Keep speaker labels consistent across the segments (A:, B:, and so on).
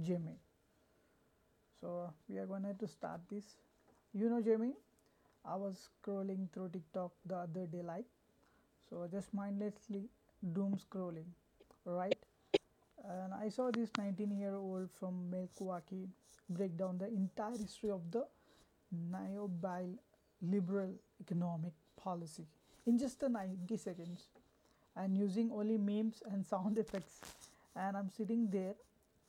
A: Jimmy. So we are going to start this. You know Jimmy, I was scrolling through TikTok the other day, like, so just mindlessly doom scrolling, right? And I saw this 19-year-old year old from Milwaukee break down the entire history of the neoliberal liberal economic policy in just the 90 seconds and using only memes and sound effects. And I'm sitting there,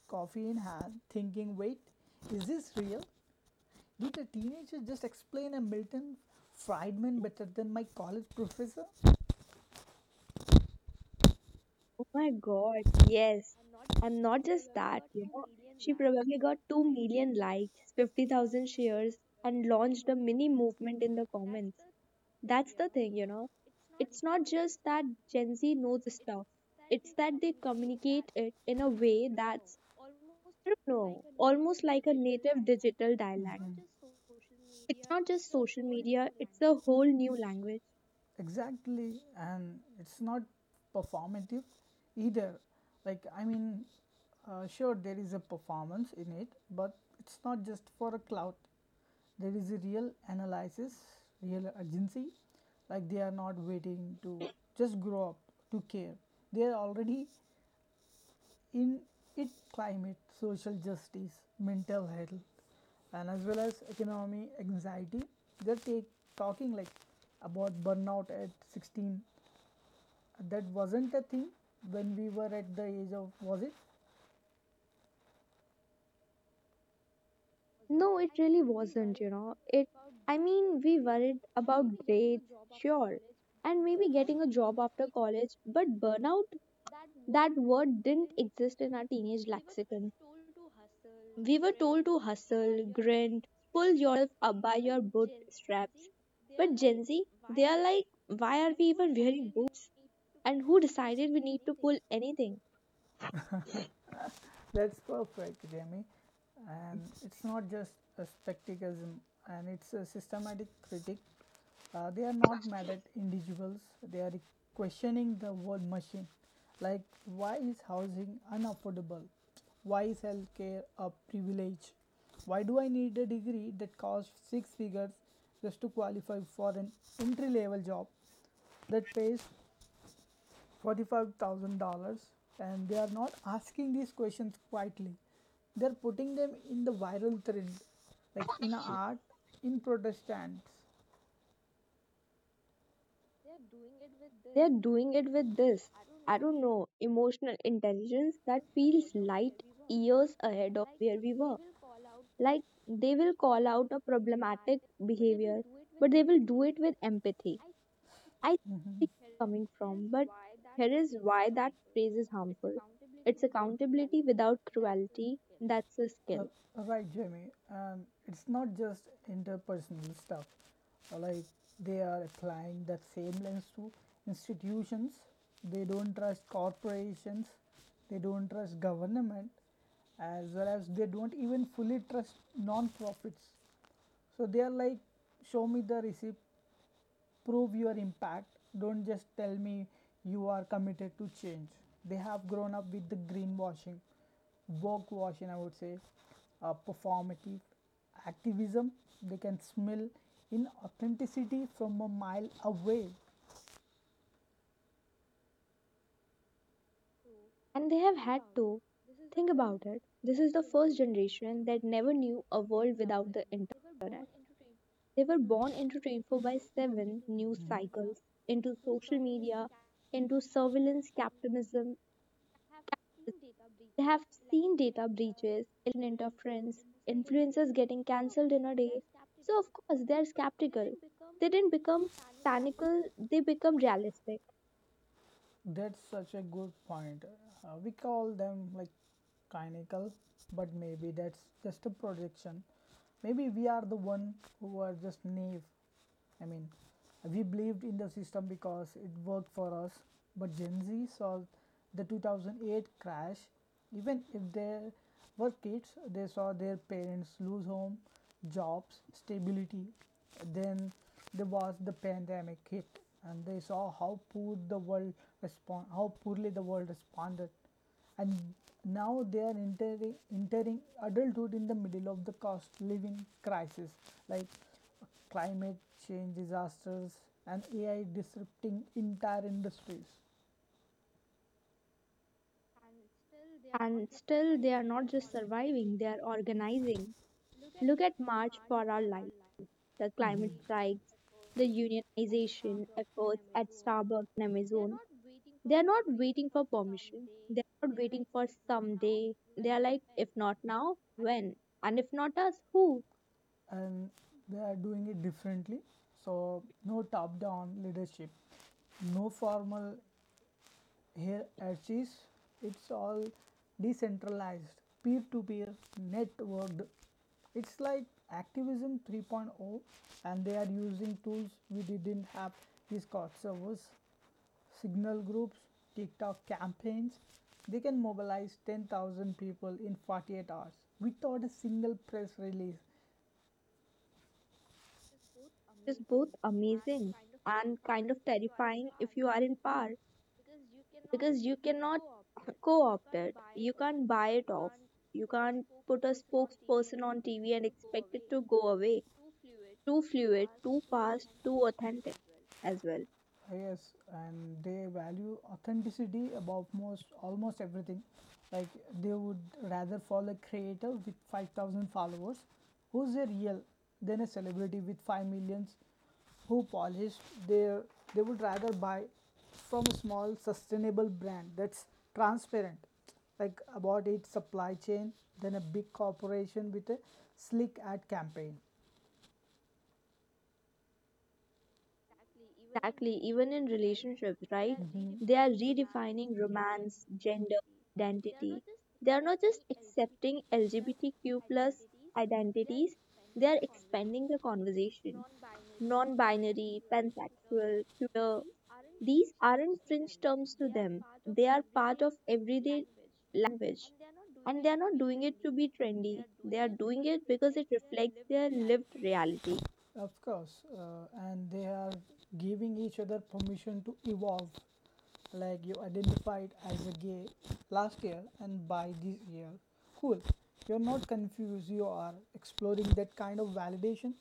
A: coffee in hand, thinking, wait, is this real? Did a teenager just explain a Milton Friedman better than my college professor? It's
B: Oh my God, yes. And not just that, she probably got 2 million likes, 50,000 shares, and launched a mini movement in the comments. That's the thing. It's not just that Gen Z knows stuff, it's that they communicate it in a way that's, I don't know, almost like a native digital
A: not
B: dialect. It's not just social media, it's a whole new language.
A: Exactly, and it's not performative either, like, I mean, sure there is a performance in it, but it's not just for a clout, there is a real analysis, real urgency. Like, they are not waiting to just grow up to care, they are already in its climate, social justice, mental health, and as well as economy anxiety. They're talking like about burnout at 16. That wasn't a thing when we were at the age of, was it?
B: No, it really wasn't. I mean, we worried about grades, sure, and maybe getting a job after college, but burnout, that word didn't exist in our teenage lexicon. We were told to hustle, grind, pull yourself up by your bootstraps. But Gen Z, they are like, why are we even wearing boots? And who decided we need to pull anything?
A: That's perfect, Jamie. And it's not just a spectacism, and it's a systematic critique. They are not mad at individuals, they are questioning the world machine. Like, why is housing unaffordable? Why is healthcare a privilege? Why do I need a degree that costs six figures just to qualify for an entry level job that pays $45,000? And they are not asking these questions quietly. They're putting them in the viral trend, like in art, in Protestants.
B: They're doing it with this, I don't know, emotional intelligence that feels light years ahead of where we were. Like they will call out a problematic behavior, but they will do it with empathy. I see where you coming from, but here is why that phrase is harmful. It's accountability without cruelty. That's a
A: Uh,
B: skill.
A: right, Jamie. And it's not just interpersonal stuff. Like, they are applying that same lens to institutions. They don't trust corporations. They don't trust government, as well as they don't even fully trust non-profits. So they are like, show me the receipt, prove your impact, don't just tell me you are committed to change. They have grown up with the greenwashing, woke washing, I would say, performative activism. They can smell in authenticity from a mile away.
B: And they have had to think about it. This is the first generation that never knew a world without the internet. They were born into 24 by 7 news cycles, into social media, into surveillance capitalism. They have seen data breaches, interference, influencers getting cancelled in a day. So, of course, they're skeptical. They didn't become cynical, they become realistic.
A: That's such a good point. We call them like cynical, but maybe that's just a projection. Maybe we are the one who are just naive. I mean, we believed in the system because it worked for us, but Gen Z saw the 2008 crash. Even if they were kids, they saw their parents lose home, jobs, stability. Then there was the pandemic hit, and they saw how poor the world respond, how poorly the world responded. And now they are entering adulthood in the middle of the cost living crisis, like climate change disasters and AI disrupting entire industries.
B: And still, they are not just surviving, they are organizing. Look at March for Our Lives, the climate strikes, the unionization efforts at Starbucks, Amazon. They are not waiting for permission. They are not waiting for someday. They are like, if not now, when? And if not us, who?
A: And they are doing it differently. So no top down leadership, no formal here at SIS, it's all decentralized, peer to peer, networked. It's like activism 3.0, and they are using tools we didn't have: Discord servers, signal groups, TikTok campaigns. They can mobilize 10,000 people in 48 hours without a single press release.
B: Is both amazing and kind of terrifying if you are in power because you cannot co opt it. You can't buy it off. You can't put a spokesperson on TV and expect it to go away. Too fluid, too fast, too authentic as well.
A: Yes, and they value authenticity above most almost everything. Like, they would rather follow a creator with 5,000 followers who's a real than a celebrity with 5 millions who polished their. They would rather buy from a small sustainable brand that's transparent like about its supply chain than a big corporation with a slick ad campaign.
B: Exactly, even in relationships, right? They are redefining romance, gender, identity. They are not just accepting LGBTQ plus identities, they are expanding the conversation. Non binary, pansexual, queer, these aren't fringe terms to them. They are part of everyday language. And they are not doing it to be trendy, they are doing it because it reflects their lived reality.
A: Of course, and they are giving each other permission to evolve. Like, you identified as a gay last year and by this year. Cool. You're not confused, you are exploring. That kind of validation,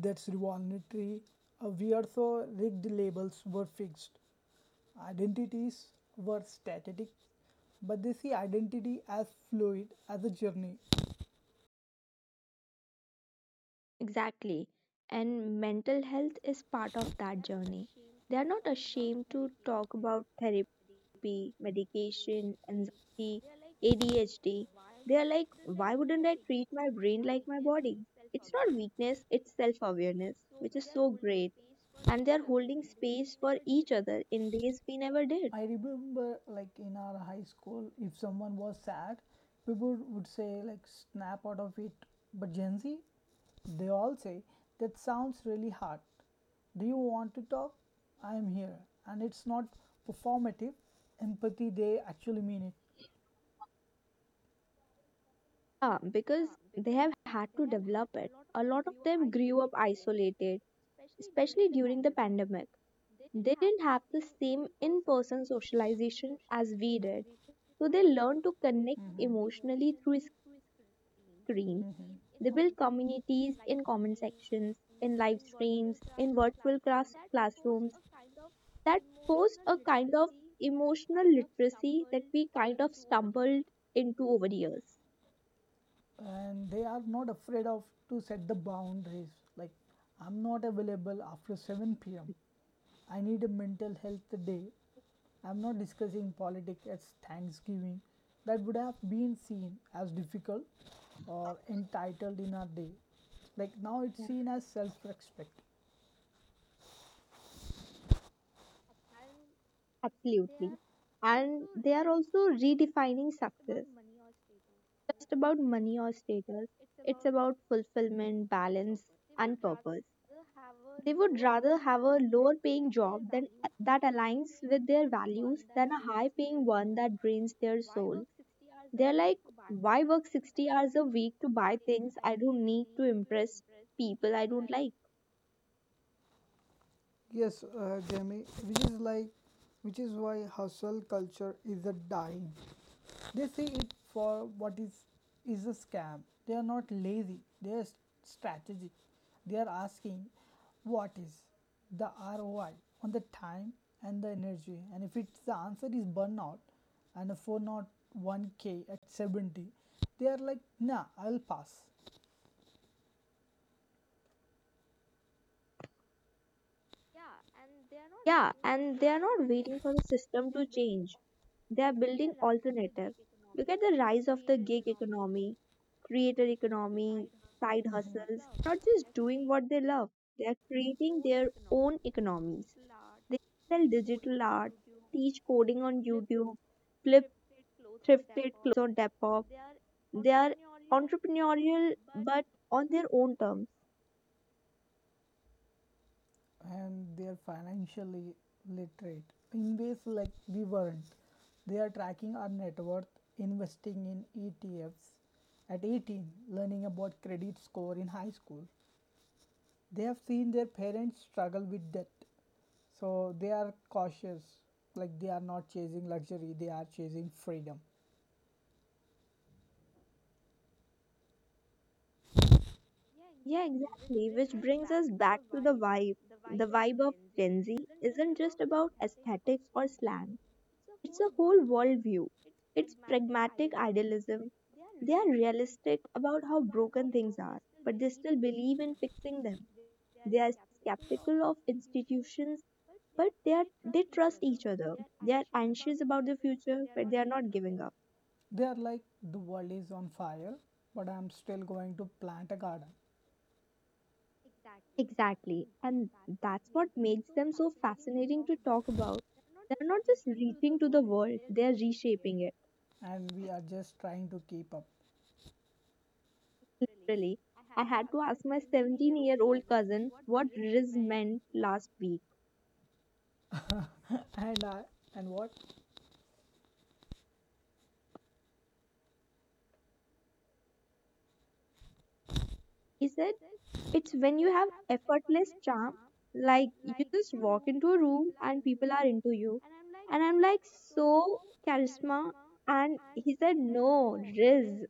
A: that's revolutionary. We are so rigged, labels were fixed, identities were static, but they see identity as fluid, as a journey.
B: Exactly. And mental health is part of that journey. They are not ashamed to talk about therapy, medication, anxiety, ADHD. They are like, why wouldn't I treat my brain like my body? It's not weakness, it's self awareness, which is so great. And they are holding space for each other in ways we never did.
A: I remember, like, in our high school, if someone was sad, people would say, like, snap out of it. But Gen Z, they all say, that sounds really hard. Do you want to talk? I am here. And it's not performative. Empathy, they actually mean it.
B: Ah, because they have had to develop it. A lot of them grew up isolated, especially during the pandemic. They didn't have the same in person socialization as we did, so they learned to connect
A: Mhm.
B: emotionally through screens.
A: Mhm,
B: They built communities in comment sections, in live streams, in virtual classrooms that forced a kind of emotional literacy that we kind of stumbled into over the years.
A: and they are not afraid of to set the boundaries, like, I'm not available after 7 p.m., I need a mental health day, I'm not discussing politics at Thanksgiving. That would have been seen as difficult or entitled in our day. Like, now it's
B: Yeah.
A: seen as self-respect.
B: Absolutely. And they are also redefining success. Just about money or status. It's about fulfillment, balance, and purpose. They would rather have a lower paying job that aligns with their values than a high paying one that drains their soul. They're like, why work 60 hours a week to buy things I don't need to impress people I don't like?
A: Yes, Jamie, which is why hustle culture is a dying. They see it for what is a scam. They are not lazy. They are strategic. They are asking, what is the ROI on the time and the energy? And if it's the answer is burnout, and a 401k at 70, they are like, nah, I'll pass.
B: Yeah, and they are not waiting for the system to change. They are building alternatives. Look at the rise of the gig economy, creator economy, side hustles. Not just doing what they love, they are creating their own economies. They sell digital art, teach coding on YouTube, flip thrifted on Depop. They are entrepreneurial but on their own terms.
A: And they are financially literate in ways like we weren't. They are tracking our net worth, investing in ETFs at 18, learning about credit score in high school. They have seen their parents struggle with debt, so they are cautious. Like, they are not chasing luxury, they are chasing freedom.
B: Yeah, exactly. Which brings us back to the vibe. The vibe of Gen Z isn't just about aesthetics or slang, it's a whole worldview. It's pragmatic idealism. They are realistic about how broken things are, but they still believe in fixing them. They are skeptical of institutions, but they trust each other. They are anxious about the future, but they are not giving up.
A: They are like, the world is on fire, but I'm still going to plant a garden,
B: Exactly, and that's what makes them so fascinating to talk about. They're not just reaching to the world, they're reshaping
A: and we are just trying to keep up.
B: it. Literally, I had to ask my 17-year-old cousin what riz meant last week.
A: and I, and what?
B: He said, it's when you have effortless charm, like you just walk into a room and people are into you. And I'm like, so charisma. And he said, no, riz,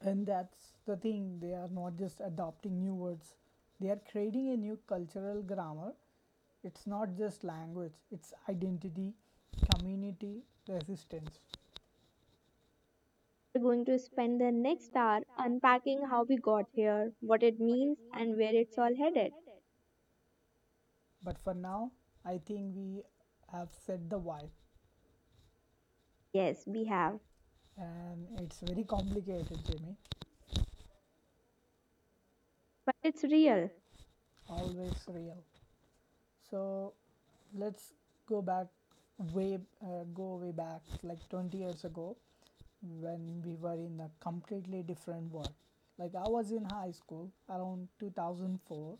A: And that's the thing, they are not just adopting new words, they are creating a new cultural grammar. It's not just language, it's identity, community, resistance.
B: we're going to spend the next hour unpacking how we got here, what it means, and where it's all headed.
A: But for now, I think we have set the vibe,
B: Yes, we have.
A: and it's very complicated, Jimmy.
B: But it's real.
A: Always real. So let's go back go way back, like 20 years ago when we were in a completely different world. Like, I was in high school around 2004,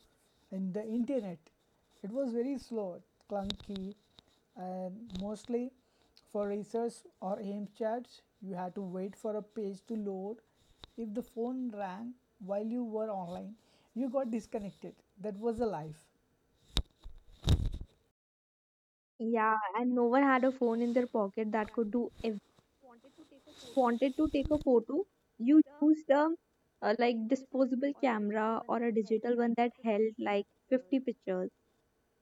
A: and the internet, it was very slow, clunky and mostly for research or AIM chats. You had to wait for a page to load. If the phone rang while you were online, you got disconnected. That was the life.
B: Yeah, and no one had a phone in their pocket that could do wanted to take a photo, you used a like disposable camera or a digital one that held like 50 pictures.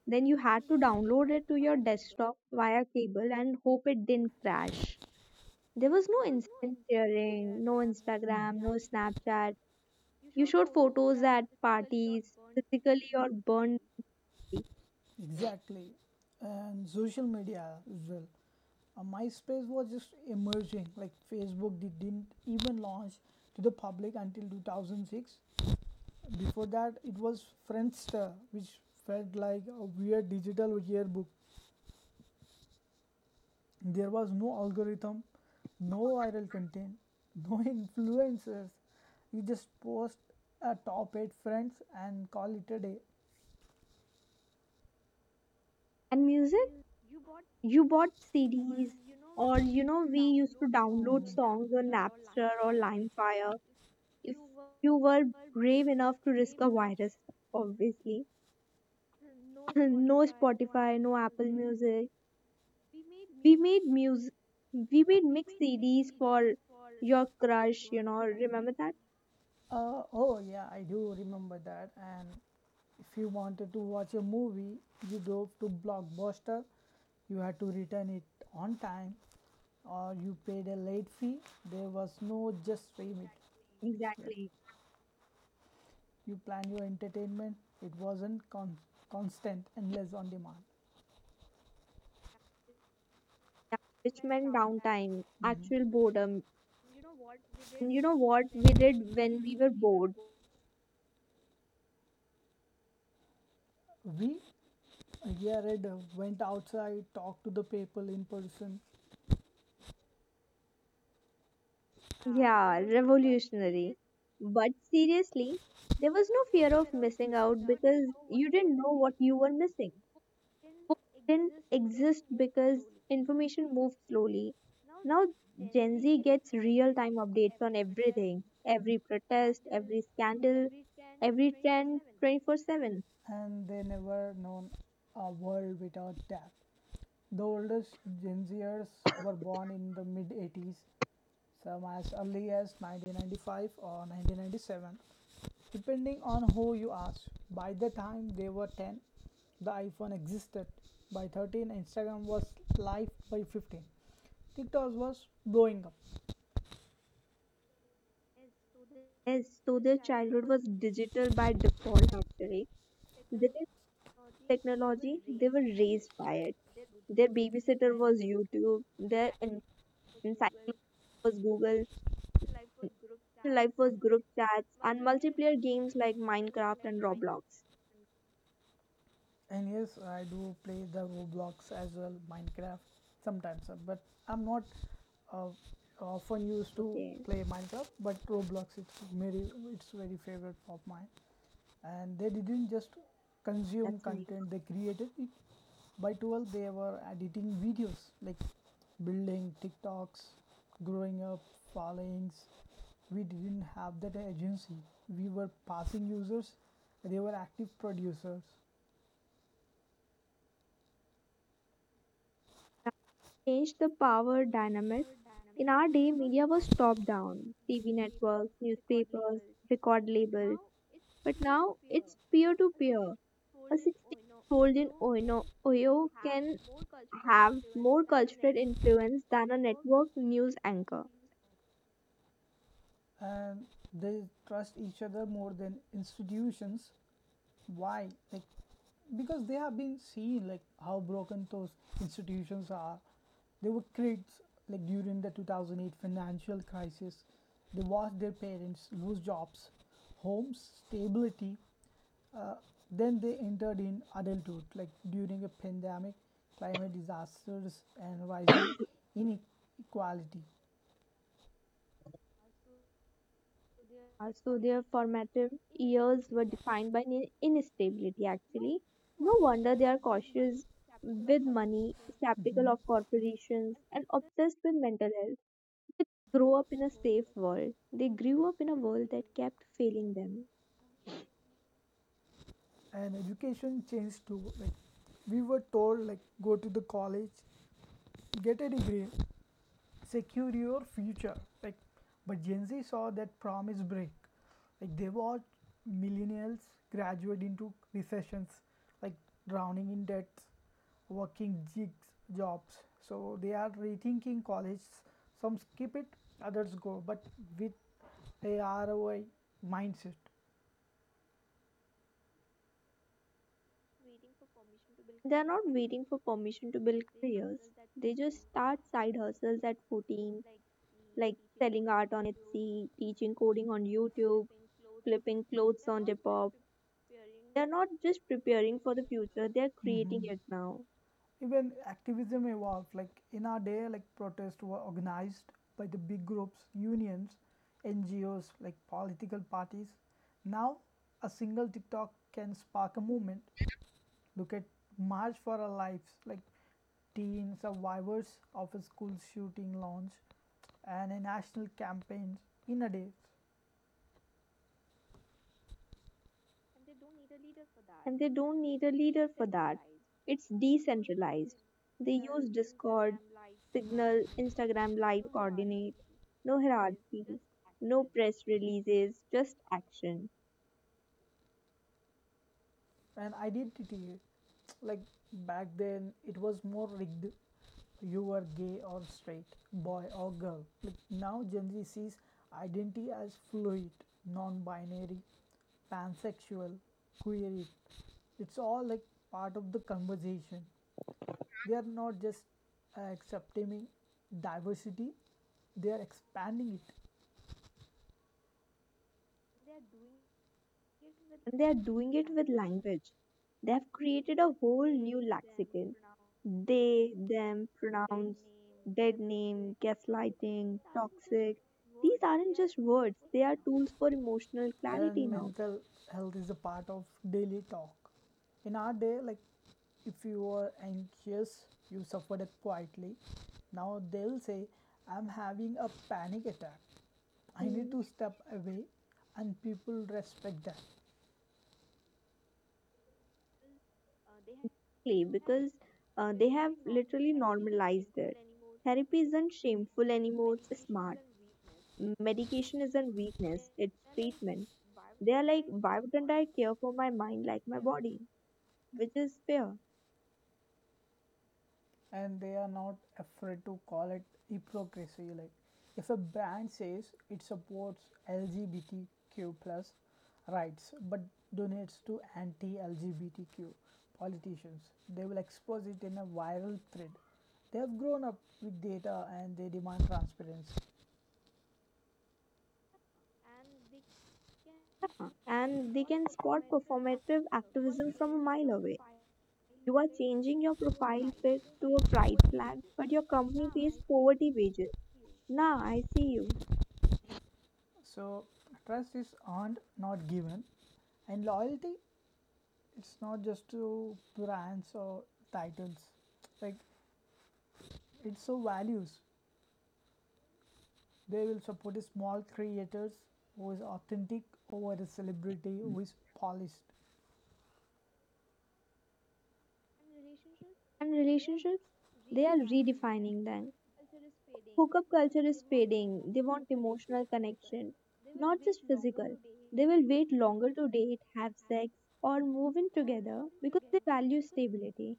B: Then you had to download it to your desktop via cable and hope it didn't crash. There was no instant sharing, no Instagram, no Snapchat. You showed photos at parties, physically or burned.
A: Exactly. And social media as well. MySpace was just emerging, like Facebook didn't even launch to the public until 2006. Before that, it was Friendster, which felt like a weird digital yearbook. There was no algorithm, no viral content, no influencers. You just post a top 8 friends and call it a day.
B: And music,
A: you,
B: you bought CDs, or we used to download
A: Mhm.
B: songs on Napster or LimeFire if you were brave enough to risk a virus, obviously. No Spotify, no Apple Music. We made music, we made mix CDs for your crush, remember that?
A: Oh yeah, I do remember that. And if you wanted to watch a movie, you drove to Blockbuster. You had to return it on time, or you paid a late fee. There was no just stream it. Yep.
B: Exactly.
A: You plan your entertainment. It wasn't constant unless on demand.
B: Which meant downtime, actual boredom. And you know what we did when we were bored?
A: We, yeah, Red went outside, talked to the people in person,
B: Yeah, revolutionary. But seriously, there was no fear of missing out because you didn't know what you were missing. Books didn't exist because information moved slowly. Now Gen Z gets real time updates on everything, every protest, every scandal, every trend 24/7.
A: and they never known a world without tap. The oldest Gen Zers were born in the mid 80s, some as early as 1995 or 1997, depending on who you ask. By the time they were 10, the iPhone existed. By 13, Instagram was live. By 15, TikTok was blowing up.
B: Yes, so their childhood was digital by default actually. They didn't have technology, they were raised by it. Their babysitter was YouTube, their encyclopedia was Google, their life was group chats, and multiplayer games like Minecraft and Roblox.
A: And yes, I do play the Roblox as well, Minecraft sometimes, but I'm not uh, often used to
B: Okay,
A: play Minecraft. But Roblox, it's very favorite of mine. And they didn't just consume
B: that's nice.
A: content; they created it. By 12, they were editing videos like building TikToks, growing up, followings. We didn't have that agency. We were passing users; they were active producers.
B: Changed the power dynamic. In our day, media was top down TV networks, newspapers, record labels. But now it's peer to peer. A 16-year-old in Ohio can have more cultural influence than a network news anchor.
A: And they trust each other more than institutions. Why? Like, because they have been seen like how broken those institutions are. They were kids like during the 2008 financial crisis, they watched their parents lose jobs, homes, stability. Uh, then they entered in adulthood like during a pandemic, climate disasters and rising inequality.
B: So their formative years were defined by instability, actually. No wonder they are cautious with money, skeptical
A: Mhm.
B: of corporations, and obsessed with mental health. Grow up in a safe world. They grew up in a world that kept failing them.
A: And education changed too. Like, we were told, like, go to the college, get a degree, secure your future. Like, but Gen Z saw that promise break. Like, they watched millennials graduate into recessions, like drowning in debts, working gigs jobs. So they are rethinking college. Some skip it, others go, but with a ROI mindset.
B: They are not waiting for permission to build careers. They just start side hustles at 14, like selling art on Etsy, teaching coding on YouTube, flipping clothes on Depop. They are not just preparing for the future, they are
A: Mm-hmm.
B: creating it now.
A: Even activism evolved. Like, in our day, like, protests were organized by the big groups, unions, NGOs, like political parties. Now, a single TikTok can spark a movement. Look at March for Our Lives, like teen survivors of a school shooting launch and a national campaign in a day.
B: And they don't need a leader for that. It's decentralized. They use Discord, Signal, Instagram lives coordinate. No hierarchy, no press releases, just action.
A: And identity, like, back then it was more rigged, you were gay or straight, boy or girl. Like, now Gen Z sees identity as fluid, non-binary, pansexual, queer, it's all like part of the conversation. They are not just accepting diversity, they are expanding it.
B: And they are doing it with language. They have created a whole new lexicon. They, them, pronouns, dead name, gaslighting, toxic. These aren't just words, they are tools for emotional clarity
A: And
B: now.
A: mental health is a part of daily talk. In our day, like, if you were anxious, you suffered it quietly. Now they'll say, I'm having a panic attack, I need
B: Hmm.
A: to step away, and people respect that.
B: Exactly, because they have literally normalized it. Therapy isn't shameful anymore, smart. Medication isn't weakness, it's treatment. They are like, why wouldn't I care for my mind like my body? Which is fair.
A: And they are not afraid to call it hypocrisy. Like, if a brand says it supports LGBTQ+ rights but donates to anti-LGBTQ politicians, they will expose it in a viral thread. They have grown up with data and they demand transparency.
B: And they can spot performative activism from a mile away. You are changing your profile pic to a pride flag, but your company pays poverty wages. Nah, I see you.
A: So trust is earned, not given. And loyalty, it's not just to brands or titles, like it's so values. They will support small creators who is authentic over a celebrity who is polished.
B: And relationships, they are redefining them. Hookup culture is fading. They want emotional connection, not just physical. They will wait longer to date, have sex, or move in together because they value stability.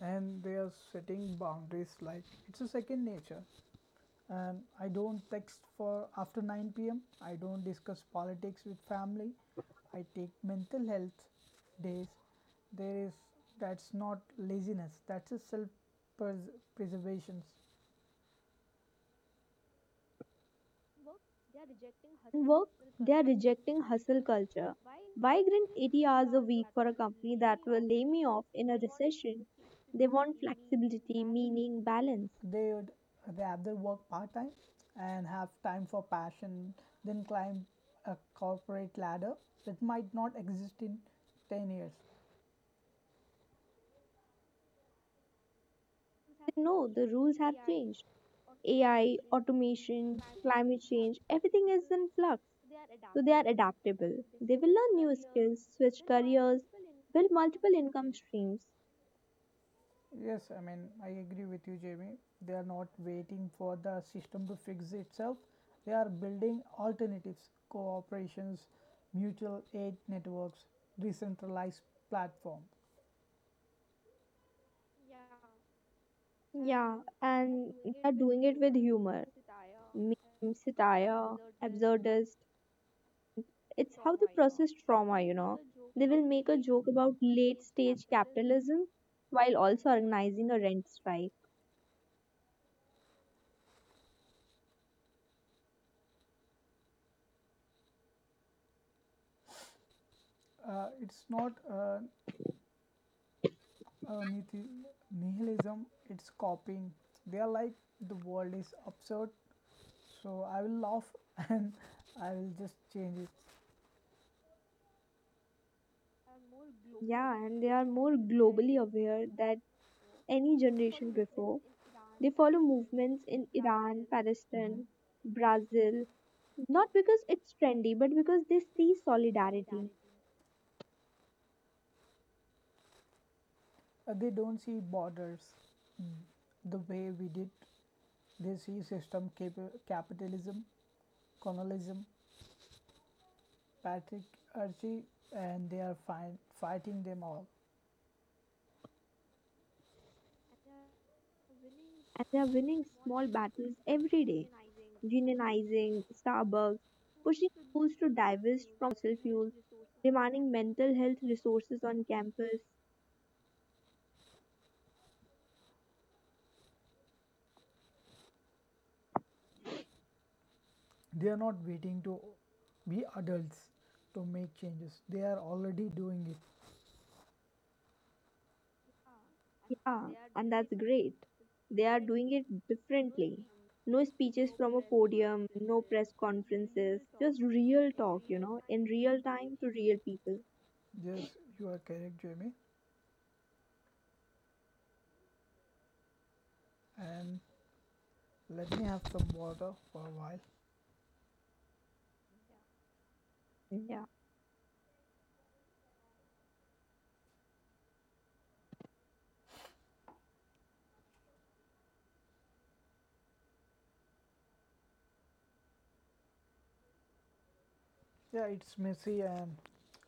A: And they are setting boundaries like it's a second nature. And I don't text for after 9 pm. I don't discuss politics with family. I take mental health days. There is That's not laziness. That's a self preservation.
B: In work, they are rejecting hustle culture. Why grind 80 hours a week for a company that will lay me off in a recession? They want flexibility, meaning, balance.
A: they would they have their work part time and have time for passion. Then climb a corporate ladder that might not exist in 10 years.
B: They know the rules have changed. AI, automation, climate change, everything is in flux. So they are adaptable. They will learn new skills, switch careers, build multiple income streams.
A: Yes, I mean, I agree with you, Jamie. They are not waiting for the system to fix itself, they are building alternatives, cooperations, mutual aid networks, decentralized platform.
B: Yeah, and they are doing it with humor, meme, satire, absurdist. It's how they process trauma. They will make a joke about late stage capitalism while also organizing a rent strike.
A: It's not uh, nihilism, it's copying. They are like, the world is absurd, so I will laugh and I will just change it.
B: Yeah, and they are more globally aware than any generation before. They follow movements in Iran,
A: Mhm.
B: Palestine, Brazil, not because it's trendy, but because they see solidarity
A: They don't see borders mm, the way we did. They see system, capitalism, colonialism, patriarchy, and they are fighting them all.
B: and they are winning small battles every day. Unionizing Starbucks, pushing schools to divest from fossil fuels, demanding mental health resources on campus.
A: They are not waiting to be adults to make changes. They are already doing it.
B: Yeah, and that's great. They are doing it differently. No speeches from a podium, no press conferences, just real talk, in real time to real people.
A: Yes, you are correct, Jamie. And let me have some water for a while.
B: Yeah,
A: Yeah, it's messy, and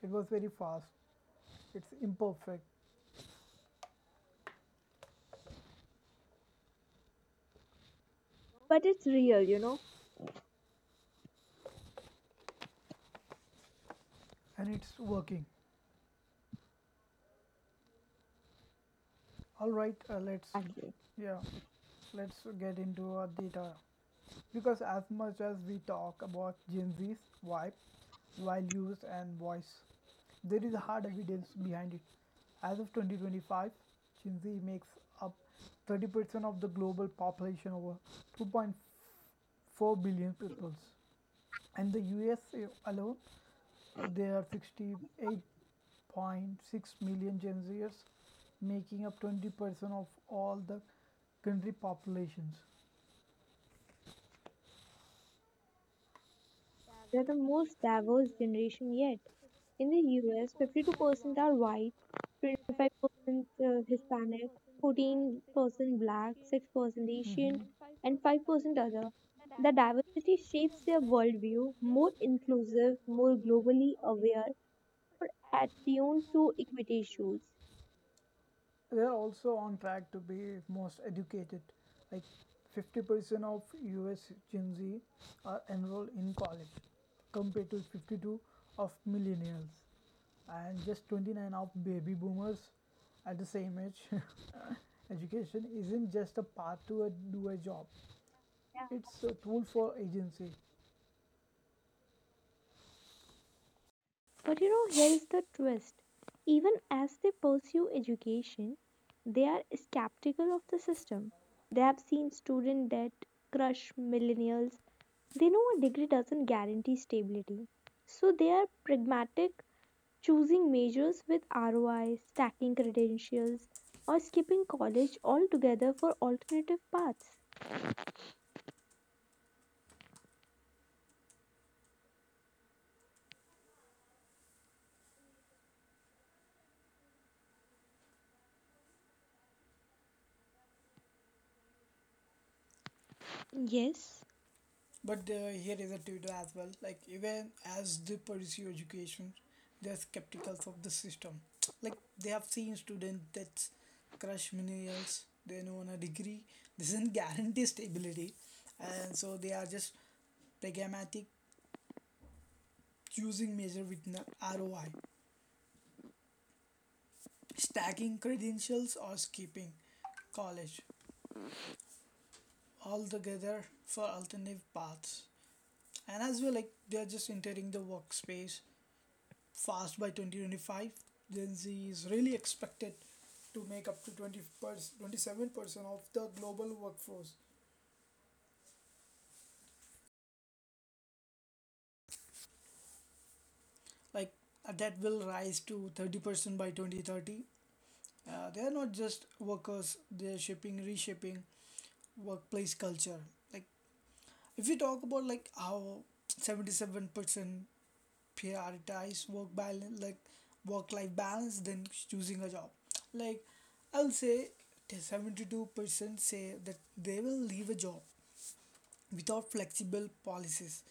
A: it was very fast. It's imperfect,
B: but it's real.
A: and it's working. All right,
B: Exactly.
A: yeah let's get into our data, because as much as we talk about Gen Z's vibe, values, and voice, there is hard evidence behind it. As of 2025, Gen Z makes up 30% of the global population, over 2.4 billion people. And the US alone, there are 68.6 million Gen Zers, making up 20% of all the country populations.
B: They're the most diverse generation yet. In the US, 52% are white, 25% Hispanic, 14% black, 6% Asian,
A: Mm-hmm.
B: and 5% other. The diversity shapes their worldview, more inclusive, more globally aware, more attuned to equity issues.
A: They are also on track to be most educated. Like 50% of US Gen Z are enrolled in college, compared to 52 of millennials, and just 29 of baby boomers at the same age. Education isn't just a path to do a job;
B: Yeah.
A: it's a tool for agency.
B: But you know, here is the twist. Even as they pursue education, they are skeptical of the system. They have seen student debt crush millennials. They know a degree doesn't guarantee stability. So they are pragmatic, choosing majors with ROI, stacking credentials, or skipping college altogether for alternative paths. Yes,
A: But here is a tutor as well. Like, even as they pursue education, they're skeptical of the system. Like, they have seen students that crush millennials. They know on a degree doesn't guarantee stability, and so they are just pragmatic, choosing measure with an ROI, stacking credentials or skipping college altogether for alternative paths. And as well, like, they're just entering the workspace fast by 2025. Gen Z is really expected to make up to 20 27% of the global workforce. Like, that will rise to 30% by 2030. They are not just workers, they are reshaping workplace culture. Like, if you talk about like how 77% prioritize work life balance than choosing a job, like, I'll say 72% say that they will leave a job without flexible policies,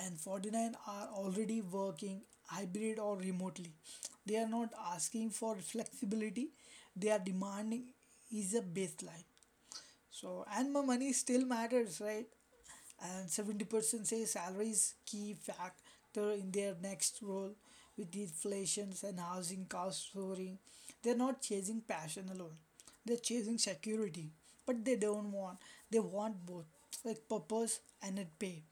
A: and 49 are already working hybrid or remotely. They are not asking for flexibility, they are demanding is a baseline. So, and my money still matters, right? And 70% say salaries key factor in their next role. With the inflations and housing costs soaring, they're not chasing passion alone, they're chasing security. But they don't want. They want both, like, purpose and it pay.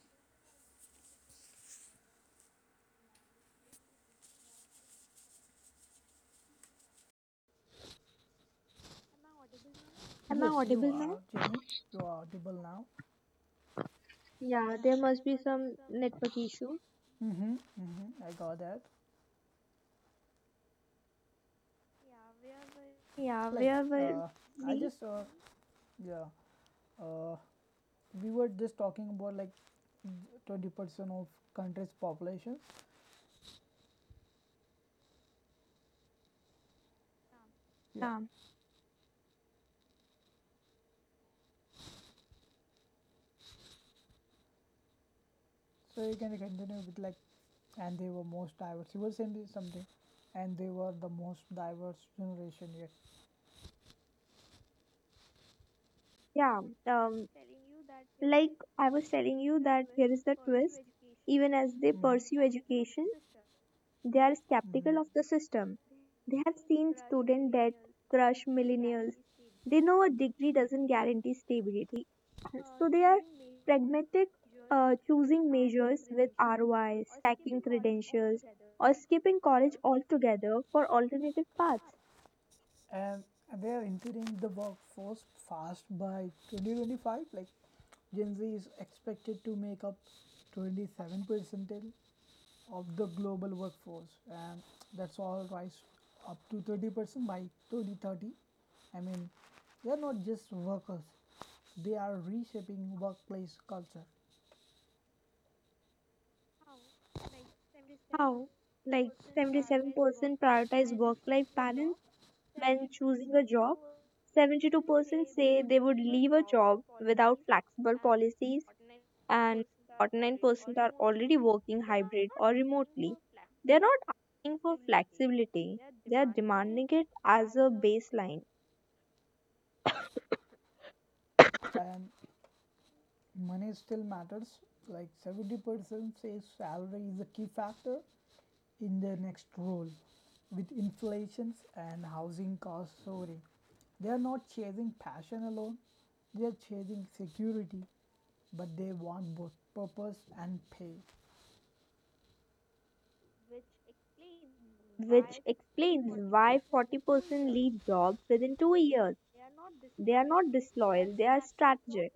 B: am I
A: Yes, you
B: audible now?
A: are, Jamie. You are audible now.
B: Yeah, there must be some network issue.
A: Mm-hmm. Mm-hmm. I got that.
B: Yeah,
A: Like,
B: where were
A: uh, I
B: we?
A: just, yeah, uh, we were just talking about like 20% of country's population. Yeah.
B: Yeah,
A: So you can continue with, like, and they were most diverse, you were saying something, and they were the most diverse generation yet.
B: yeah. Um, like I was telling you that here is the twist. Even as they
A: Mhm,
B: pursue education, they are skeptical
A: mhm.
B: of the system. They have seen student debt crush millennials. They know a degree doesn't guarantee stability. So they are pragmatic, choosing majors with ROIs, stacking credentials, or skipping college altogether for alternative paths.
A: And they are entering the workforce fast by 2025. Like, Gen Z is expected to make up 27% of the global workforce, and that's all rise up to 30% by 2030. I mean, they are not just workers, they are reshaping workplace culture.
B: How? Like 77% prioritize work life balance when choosing a job. 72% say they would leave a job without flexible policies. And 49% are already working hybrid or remotely. They're not asking for flexibility, they are demanding it as a baseline,
A: And money still matters. Like 70% says salary is a key factor in their next role. With inflations and housing costs soaring, they are not chasing passion alone, they are chasing security, but they want both, purpose and pay.
B: which explains why 40% leave jobs within 2 years. They are not disloyal, they are strategic.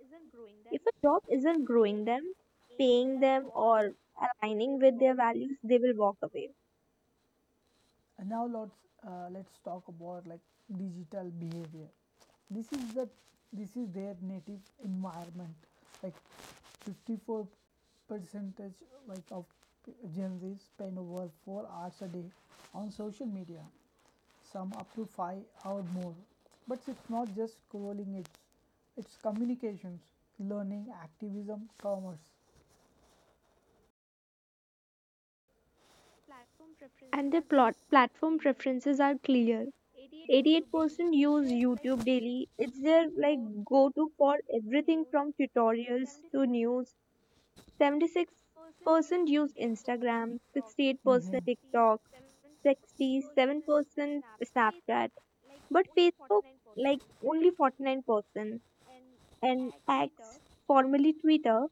B: If a job isn't growing them, paying them, or aligning with their values, they will walk away.
A: And now, let's talk about, like, digital behavior. This is the this is their native environment. Like 54 percentage like of Gen Z spend over 4 hours a day on social media. Some up to five or more. But it's not just scrolling. It's communications, learning, activism, commerce.
B: And their plot platform preferences are clear, 88% use YouTube daily. It's their like go-to for everything from tutorials to news. 76% use Instagram,
A: Mm-hmm.
B: 68% TikTok, 67% Snapchat, but Facebook like only 49%, and X, formerly Twitter,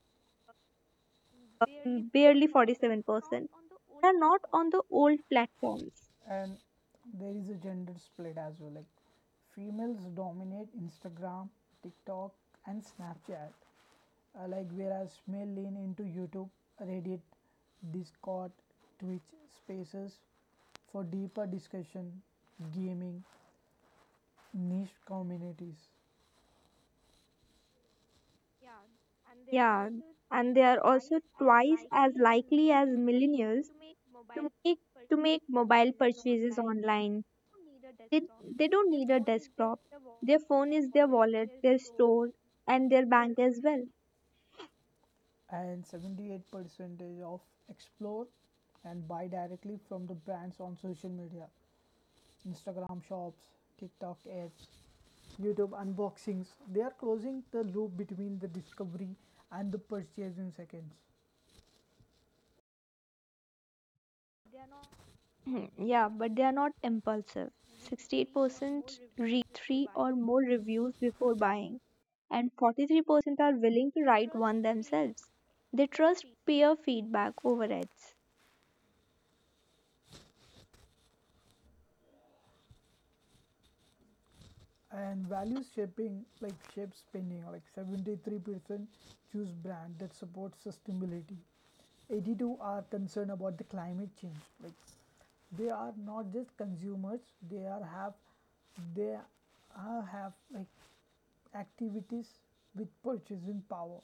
B: barely 47%. They are not on the old platforms.
A: And there is a gender split as well. Like, females dominate Instagram, TikTok, and Snapchat, like whereas male lean into YouTube, Reddit, Discord, Twitch, spaces for deeper discussion, gaming, niche communities.
B: Yeah, and they are also twice as likely as millennials to make to make mobile purchases online. They they don't need a desktop. Their phone is their wallet, their store, and their bank as well.
A: And 78 percentage of explore and buy directly from the brands on social media, Instagram shops, TikTok ads, YouTube unboxings. They are closing the loop between the discovery and the purchase in seconds.
B: Hmm, yeah, but they are not impulsive. 68% read three or more reviews before buying, and 43% are willing to write one themselves. They trust peer feedback over ads.
A: And value shaping, like, shape spending, like 73% choose brand that supports sustainability, 82 are concerned about the climate change. Like, they are not just consumers, they are have they are have like activities with purchasing power.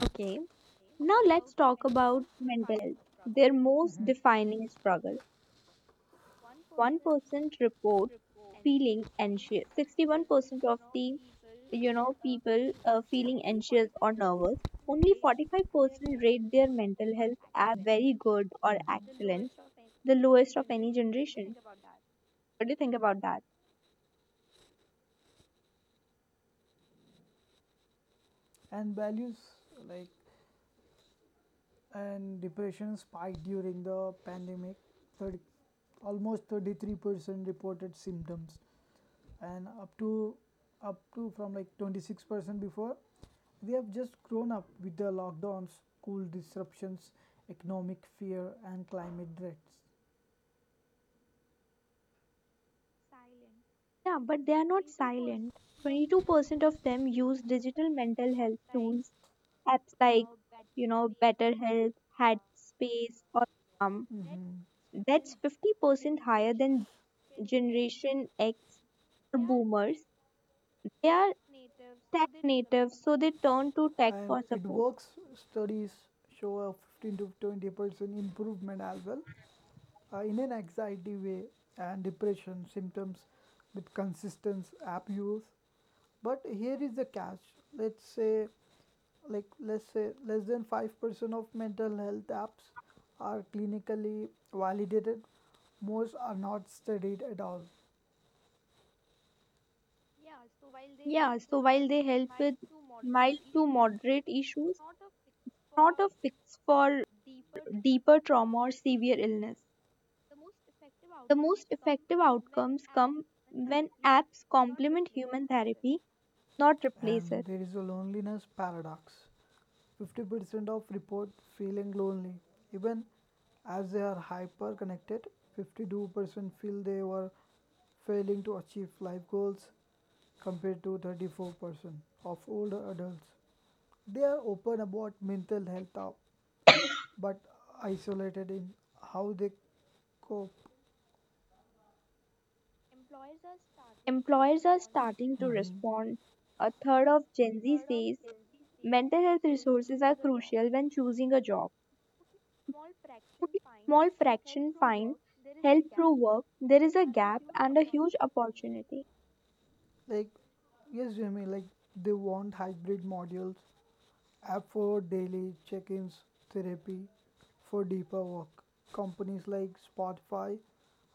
B: Okay, now let's talk about mental health, their most
A: Mhm.
B: defining struggle. 1% report feeling anxious, 61% of the people feeling anxious or nervous, only 45% rate their mental health as very good or excellent, the lowest of any generation. What do you think about that?
A: And values, like, and depression spiked during the pandemic, 30, almost 33% reported symptoms, and up to from like 26% before. They have just grown up with the lockdowns, cool disruptions, economic fear, and climate threats.
B: Yeah, but they are not silent. 22% of them use digital mental health tools, apps like, Better Health, Headspace, or um,
A: Mhm. Mhm.
B: that's 50% higher than Generation X or Boomers. They are tech native, so they turn to tech
A: And
B: for
A: it
B: support.
A: works. Studies show a 15 to 20% improvement as well, in an anxiety way and depression symptoms with consistent app use. But here is the catch. Let's say, let's say, less than 5% of mental health apps are clinically validated. Most are not studied at all.
B: Yeah, so while they help with mild to moderate issues, not a fix for deeper trauma or severe illness. The most effective outcomes come when apps complement human therapy, not replace
A: And
B: it.
A: there is a loneliness paradox. 50% of report feeling lonely, even as they are hyper connected. 52% feel they were failing to achieve life goals compared to 34% of older adults. They are open about mental health, out, but isolated in how they cope.
B: Employers are starting to
A: Mhm.
B: respond. A third of Gen Z says mental health resources are crucial when choosing a job. Small fraction find help through work, there is a gap and a huge opportunity.
A: Like, yes, Jimmy, like, they want hybrid modules, app for daily check ins, therapy for deeper work. Companies like Spotify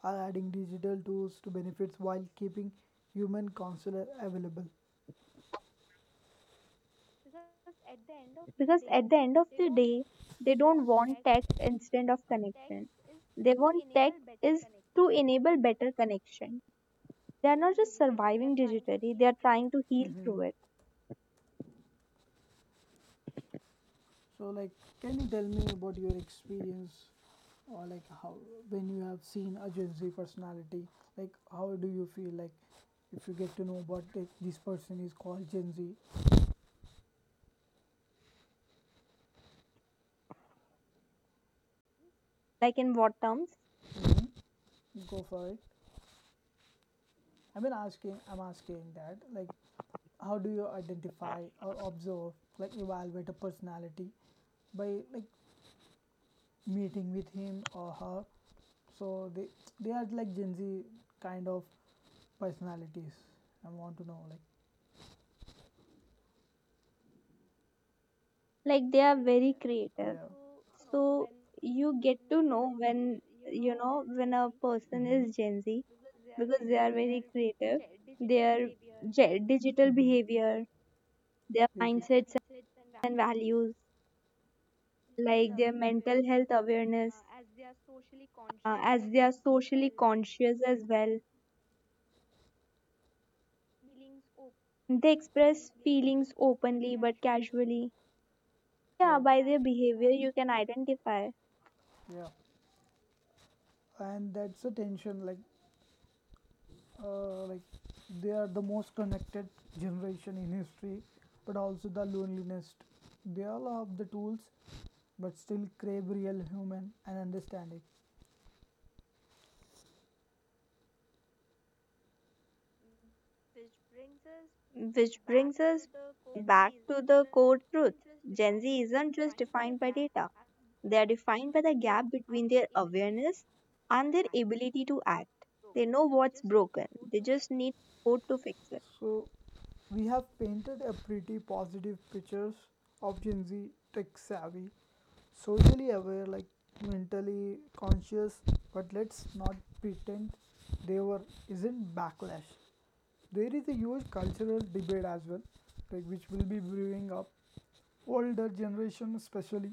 A: are adding digital tools to benefits while keeping human counselor available.
B: Because at the end of the day, they don't want tech instead of connection, they want tech is to enable better connection. They are not just surviving digitally, they are trying to heal
A: Mhm.
B: through it.
A: So, like, can you tell me about your experience, or like, how when you have seen a Gen Z personality, like, how do you feel, like, if you get to know about like this person is called Gen Z?
B: Like in what terms?
A: Mhm. Go for it. I mean, I'm asking that, like, how do you identify or observe, like, evaluate a personality by like meeting with him or her? So, they are like Gen Z kind of personalities. I want to know, like,
B: Like they are very creative,
A: yeah.
B: so you get to know when you know when a person
A: Mm-hmm.
B: is Gen Z because they are very creative. Their digital
A: Mm-hmm.
B: behavior, their
A: They their
B: mindsets
A: should.
B: and values, like their mental health awareness, as they are socially conscious as well. They express feelings openly but casually.
A: So.
B: Yeah,
A: Yeah.
B: by their
A: we
B: behavior, you can identify.
A: Yeah, and that's a tension, like, like, they are the most connected generation in history, but also the loneliest. They all have the tools but still crave real human and understanding.
B: Which brings us back to the core truth, Gen Z isn't just defined by data, they are defined by the gap between their awareness and their ability to act. They know what's broken, they just need support to fix it.
A: So we have painted a pretty positive pictures of Gen Z, tech savvy, socially aware, like, mentally conscious. But let's not pretend they were isn't backlash. There is a huge cultural debate as well, like, which will be brewing up. Older generation, especially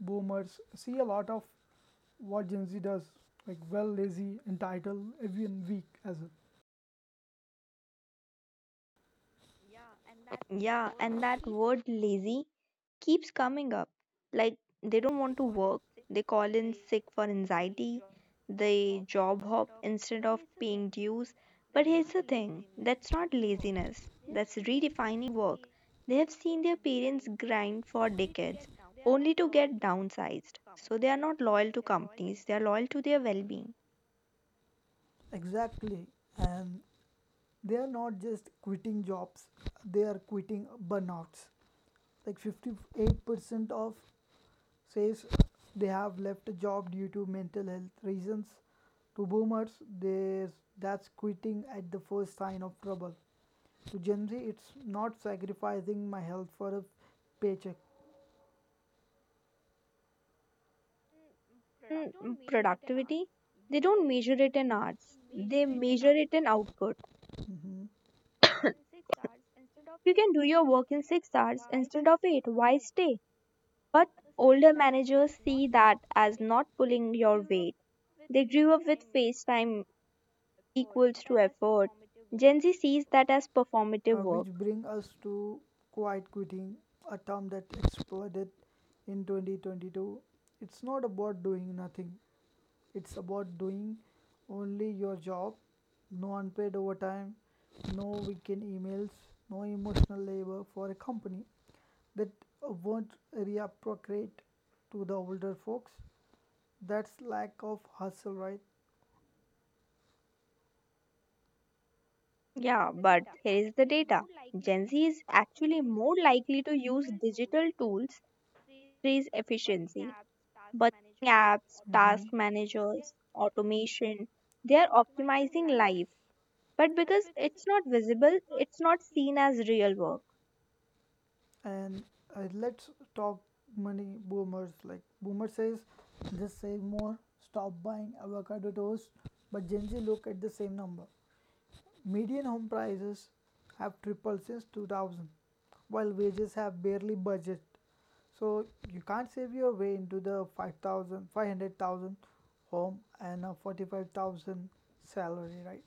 A: boomers, see a lot of what Gen Z does, like, well, lazy, entitled, even weak as a...
B: Yeah, and that word lazy keeps coming up. Like they don't want to work, they call in sick for anxiety, they job hop instead of paying dues. But here's the thing, that's not laziness, that's redefining work. They have seen their parents grind for decades only to get downsized. So they are not loyal to companies, they are loyal to their well being.
A: Exactly. And they are not just quitting jobs, they are quitting burnouts. Like 58% of says they have left a job due to mental health reasons. To boomers, there's that's quitting at the first sign of trouble. To Gen Z, it's not sacrificing my health for a paycheck.
B: Productivity, they don't measure it in hours, they measure it in output.
A: Mhm.
B: You can do your work in 6 hours instead of eight. Why stay? But older managers see that as not pulling your weight. They grew up with face time equals to effort. Gen Z sees that as performative
A: Which
B: work.
A: bring us to quiet quitting, a term that exploded in 2022. It's not about doing nothing. It's about doing only your job, no unpaid overtime, no weekend emails, no emotional labor for a company that won't reappropriate. To the older folks, that's lack of hustle, right?
B: Yeah, but here is the data. Gen Z is actually more likely to use digital tools to raise efficiency. But apps,
A: Hmm.
B: task managers, automation, they are optimizing life. But because it's not visible, it's not seen as real work.
A: And let's talk money, boomers. Like, boomer says, just save more, stop buying avocado toast. But Gen Z look at the same number. Median home prices have tripled since 2000, while wages have barely budged. So you can't save your way into the 500,000 home and a 45,000 salary, right?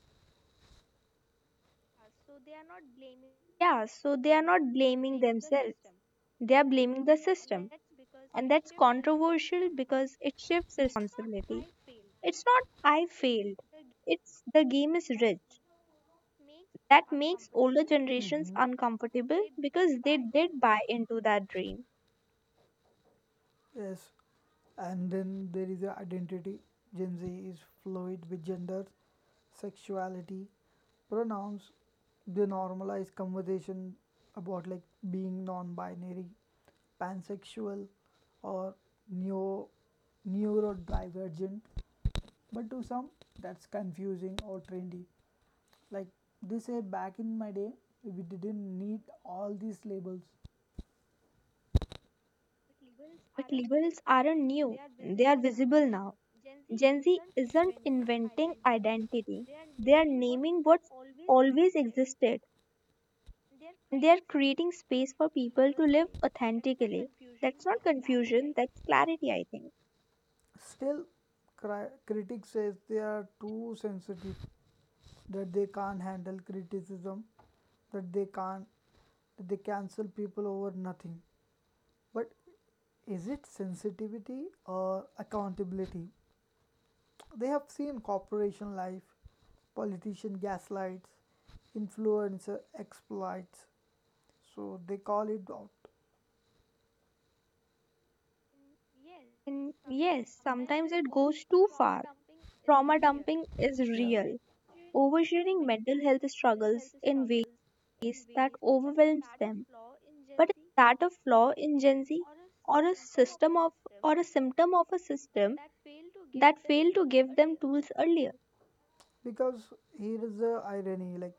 B: Yeah, so they are not blaming themselves. They are blaming the system. And that's controversial because it shifts responsibility. It's not I failed. It's the game is rigged. That makes older generations
A: Hmm.
B: uncomfortable because they did buy into that dream.
A: Yes, and then there is the identity. Gen Z is fluid with gender, sexuality, pronouns. They normalize conversation about, like, being non-binary, pansexual, or neo neurodivergent. But to some, that's confusing or trendy. Like, they say, back in my day, we didn't need all these labels.
B: But labels aren't new. They are visible now. Gen Z isn't inventing identity. They are naming what's always existed, and they are creating space for people to live authentically. That's not confusion, that's clarity, I think.
A: Still, critics says they are too sensitive, that they can't handle criticism, that they can't, that they cancel people over nothing. But is it sensitivity or accountability? They have seen corporation life, politician gaslights, influencer exploits, so they call it out.
B: And yes, sometimes it goes too far. Trauma dumping is
A: Yeah.
B: real, oversharing mental health struggles in ways that overwhelms them. But is that a flaw in Gen Z or a system of or a symptom of a system that failed to give them tools earlier?
A: Because here is the irony, like,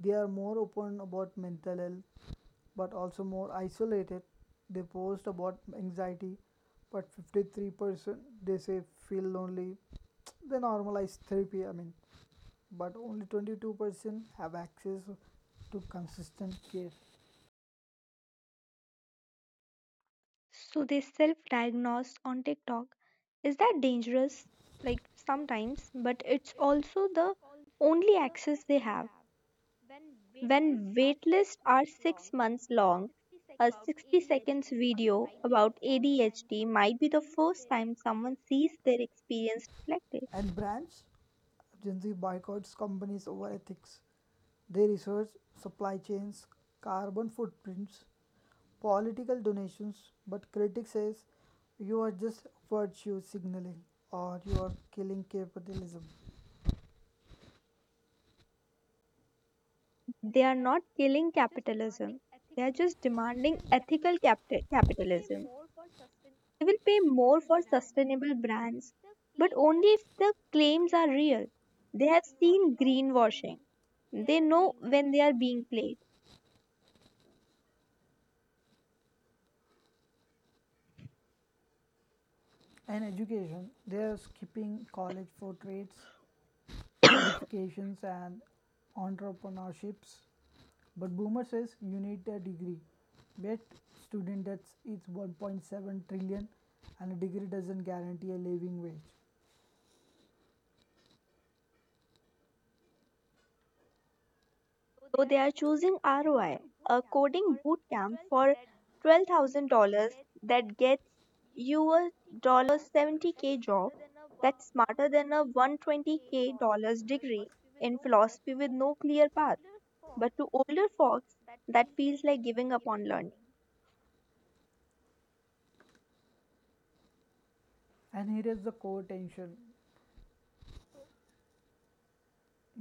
A: they are more open about mental health but also more isolated. They post about anxiety, but 53% they say feel lonely. They normalize therapy, I mean, but only 22% have access to consistent care.
B: So they self diagnose on TikTok. Is that dangerous? Like sometimes, but it's also the only access they have. When waitlists are 6 months long, a 60 seconds video about ADHD might be the first time someone sees their experience reflected.
A: And brands? Gen Z boycotts companies over ethics. They research supply chains, carbon footprints, political donations, but critics says you are just virtue signaling or you are killing capitalism.
B: They are not killing capitalism, they are just demanding ethical capitalism. They will pay more for sustainable brands, but only if the claims are real. They have seen greenwashing. They know when they are being played.
A: And education, they are skipping college for trades, certifications and entrepreneurships. But boomer says you need a degree. Yet student debts is 1.7 trillion and a degree doesn't guarantee a living wage.
B: So they are choosing ROI, a coding bootcamp for $12,000 that gets you a $70K job, that's smarter than a $120K dollars degree in philosophy with no clear path. But to older folks, that feels like giving up on learning,
A: And here is the core tension.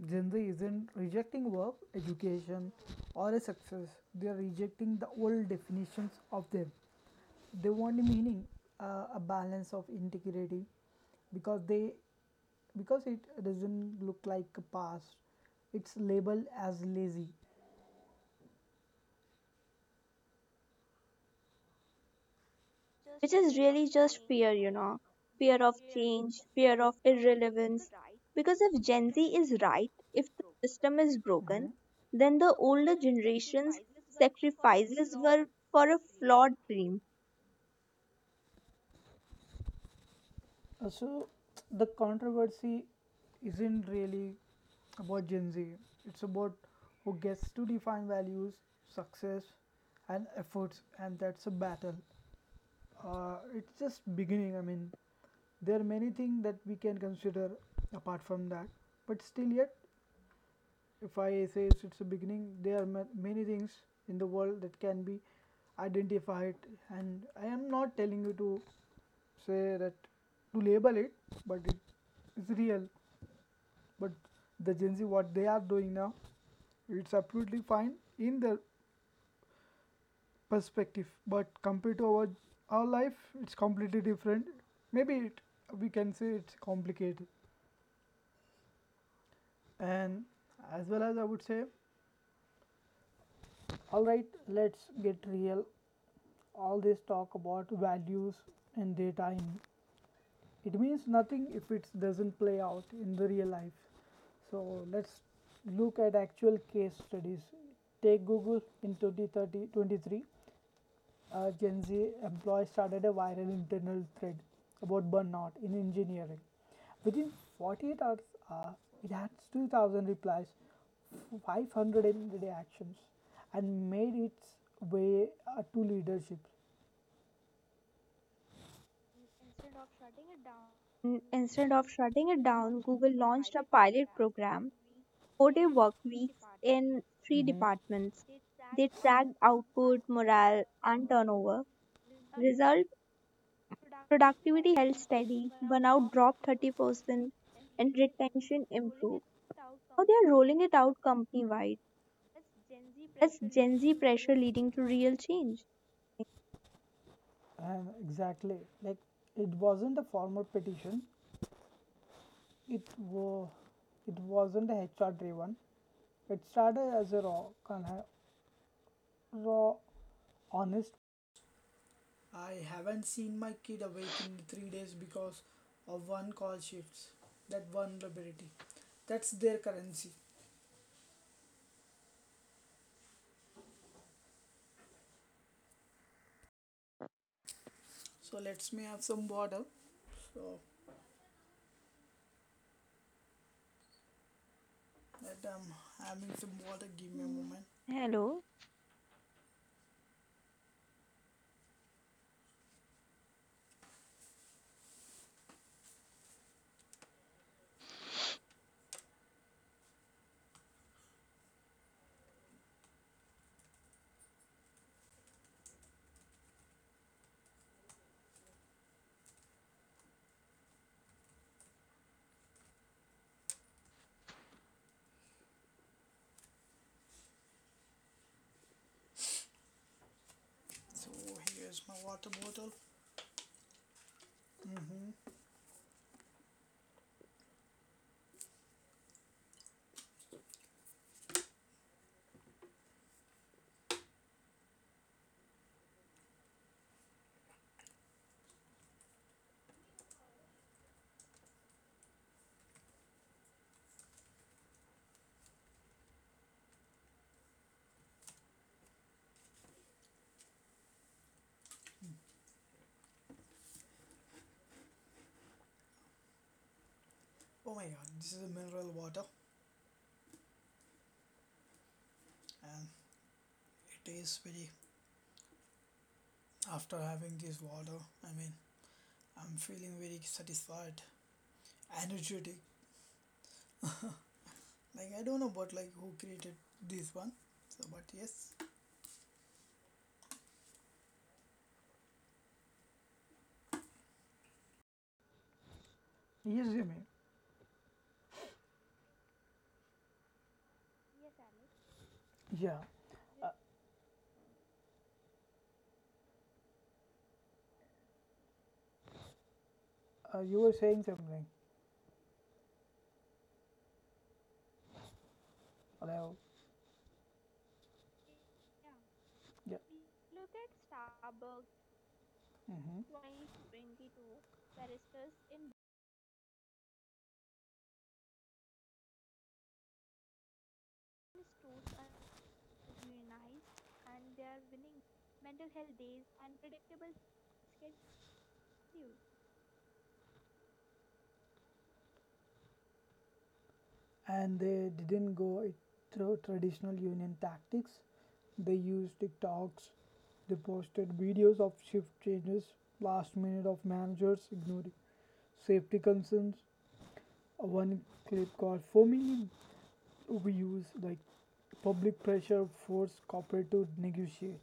A: Gen Z isn't rejecting work, education, or a success. They are rejecting the old definitions of them. They want meaning, a balance of integrity, because it doesn't look like a past. It's labeled as lazy.
B: which is really just fear, you know, fear of change, fear of irrelevance. Because if Gen Z is right, if the system is broken,
A: Mhm.
B: then the older generation's sacrifices were for a flawed dream.
A: So the controversy isn't really about Gen Z. It's about who gets to define values, success, and efforts, and that's a battle. It's just beginning. I mean, there are many things that we can consider apart from that, but still yet if I say it's a beginning, there are many things in the world that can be identified, and I am not telling you to say that to label it, but it is real. But the Gen Z, what they are doing now, it's absolutely fine in their perspective, but compared to our life, it's completely different. Maybe it we can say it's complicated, and as well as I would say, all right, let's get real. All this talk about values and their time. It means nothing if it doesn't play out in the real life. So let's look at actual case studies. Take Google in twenty thirty twenty-three, a Gen Z employee started a viral internal thread about burnout in engineering. Within 48 hours, uh, it had 2,000 replies, 500 in reactions, and made its way to leadership.
B: Instead of shutting it down, Google launched a pilot program, 4-day work weeks in three
A: Mhm.
B: departments. They tracked output, morale, and turnover. Result. Productivity held steady, burnout dropped 30%, and retention improved. Now they are rolling it out company wide. That's Gen Z pressure leading to real change.
A: And exactly, like it wasn't a formal petition. It was it wasn't a HR driven. It started as a raw, con- raw, honest. I haven't seen my kid awake in 3 days because of one call shifts. That vulnerability. That's their currency. So let's me have some water. So that I'm having some water. Give me a
B: Hmm.
A: moment.
B: Hello.
A: So here's my water bottle. hmm Oh my god, this is a mineral water. And it is very after having this water, I mean, I'm feeling very satisfied, energetic, like I don't know about like who created this one, so but yes. Yes, Jimmy. Yeah. Uh, you were saying something. Hello. Yeah. hmm And they didn't go it through traditional union tactics. They used TikToks. They posted videos of shift changes, last minute of managers ignoring safety concerns, one clip got 4 million views, like public pressure forced corporate to negotiate.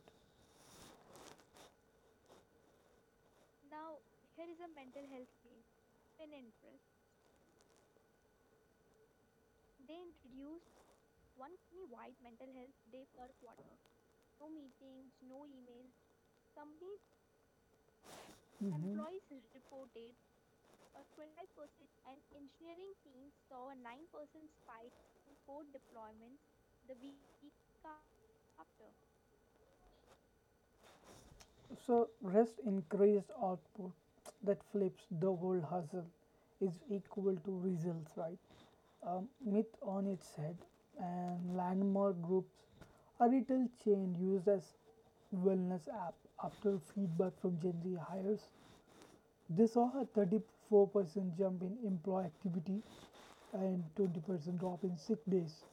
A: Mhm. So rest increased output, that flips the whole hustle is equal to results, right, myth on its head. And landmark groups, a retail chain used as wellness app after feedback from Gen Z hires. They saw a 34% jump in employee activity and 20% drop in sick days.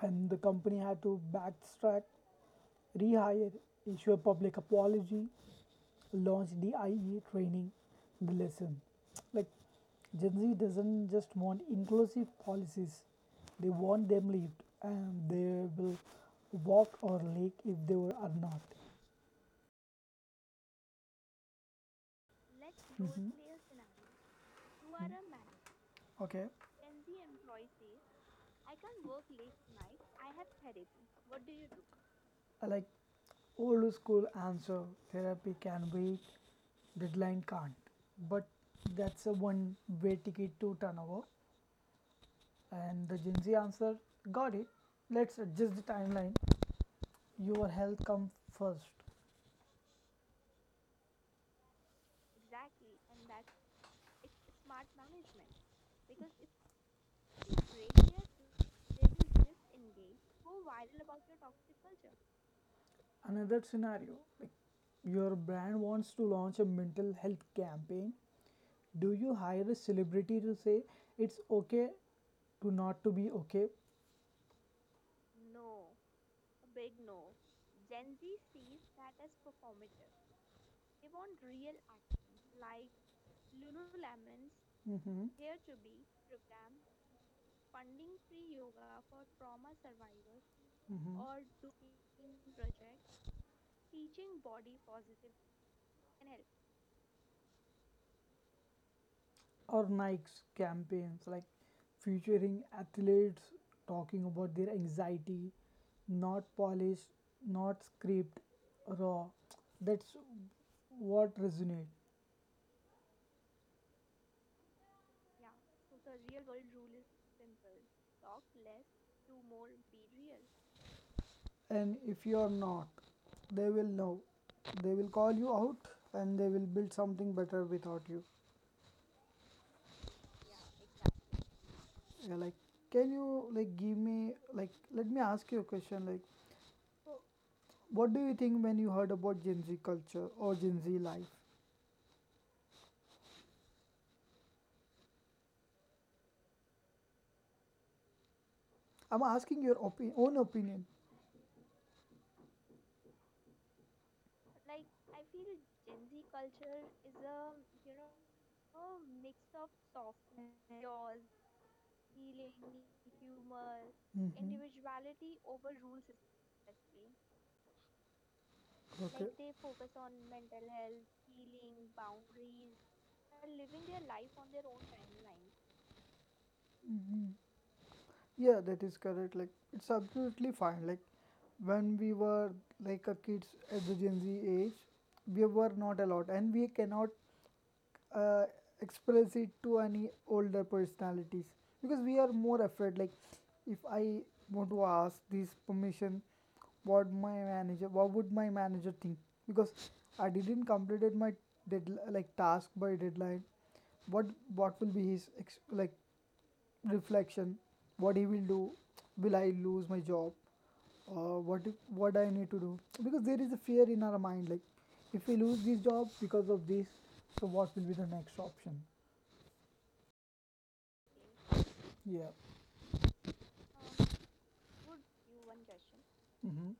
A: And the company had to backtrack, rehire, issue a public apology, launch the IE training, the lesson. Like Gen Z doesn't just want inclusive policies, they want them lived, and they will walk or leak if they were are not. Okay. Like old school answer, therapy can wait, deadline can't. But that's a one way ticket to turnover. And the Gen Z answer got it. Let's adjust the timeline. Your health comes first. Another scenario, like your brand wants to launch a mental health campaign. Do you hire a celebrity to say it's okay to not to be okay? hmm or Nike's campaigns, like featuring athletes talking about their anxiety, not polished, not scripted, raw. That's what resonates. And if you are not, they will know. They will call you out and they will build something better without you. Yeah, like, can you like give me, like let me ask you a question, like what do you think when you heard about Gen Z culture or Gen Z life? I'm asking your own opinion. Mm-hmm. Okay. Hmm. Yeah, that is correct. Like it's absolutely fine. Like when we were like a kids at the Gen Z age, we were not allowed, and we cannot uh, express it to any older personalities because we are more afraid, like if I want to ask this permission, what would my manager think, because I didn't completed my like task by deadline, what what will be his like reflection, what he will do, will I lose my job, or what I need to do, because there is a fear in our mind, like if we lose this job because of this, so what will be the next option. Yeah. Mm-hmm.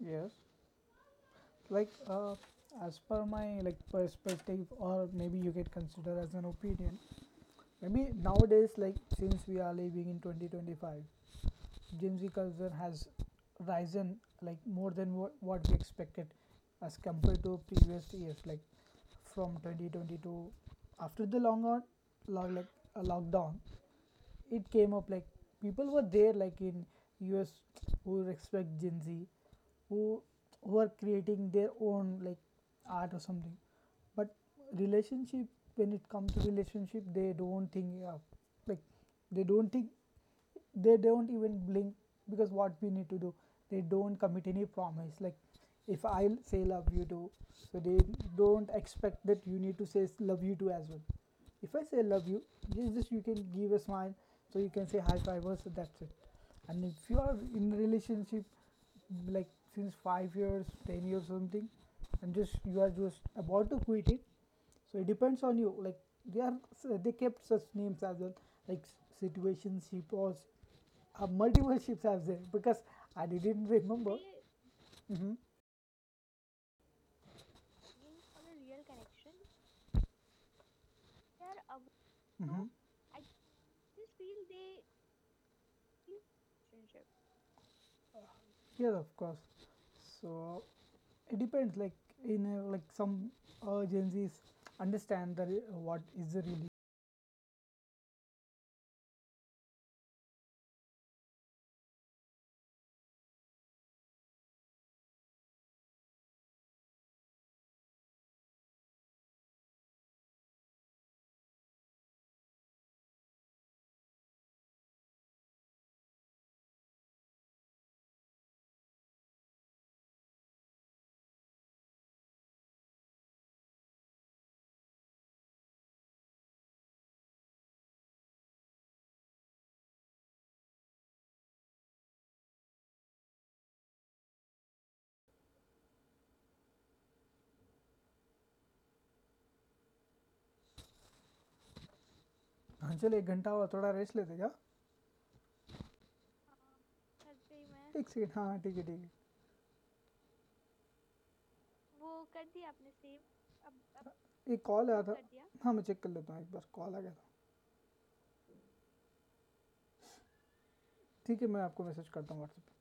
A: Yes. Like, as per my like perspective, or maybe you get considered as an opinion. Maybe nowadays, like since we are living in 2025, Gen Z culture has risen like more than what we expected as compared to previous years, like from 2022. After the like a lockdown, it came up, like people were there, like in US, who respect Gen Z, who who are creating their own like art or something. But relationship, when it comes to relationship, they don't think, like they don't think they don't even blink, because what we need to do, they don't commit any promise, like if I say love you too, so they don't expect that you need to say love you too as well. If I say love you, just you can give a smile, so you can say high five us, so that's it. And if you are in relationship like since 5 years 10 years something, and just you are just about to quit it, so it depends on you. Like they are, so they kept such names as well, like situation ship, or multiple ships as there, because I didn't remember. Really? Mm-hmm. Mm-hmm. Yes, of course. So it depends. Like like some Gen Zs understand the what is the हाँ चल एक घंटा हुआ थोड़ा rest लेते क्या एक second हाँ हाँ, ठीक है एक कॉल आया था हाँ मैं चेक कर लेता हूँ एक बार कॉल आ गया था ठीक है मैं आपको मैसेज करता हूँ व्हाट्सएप पे।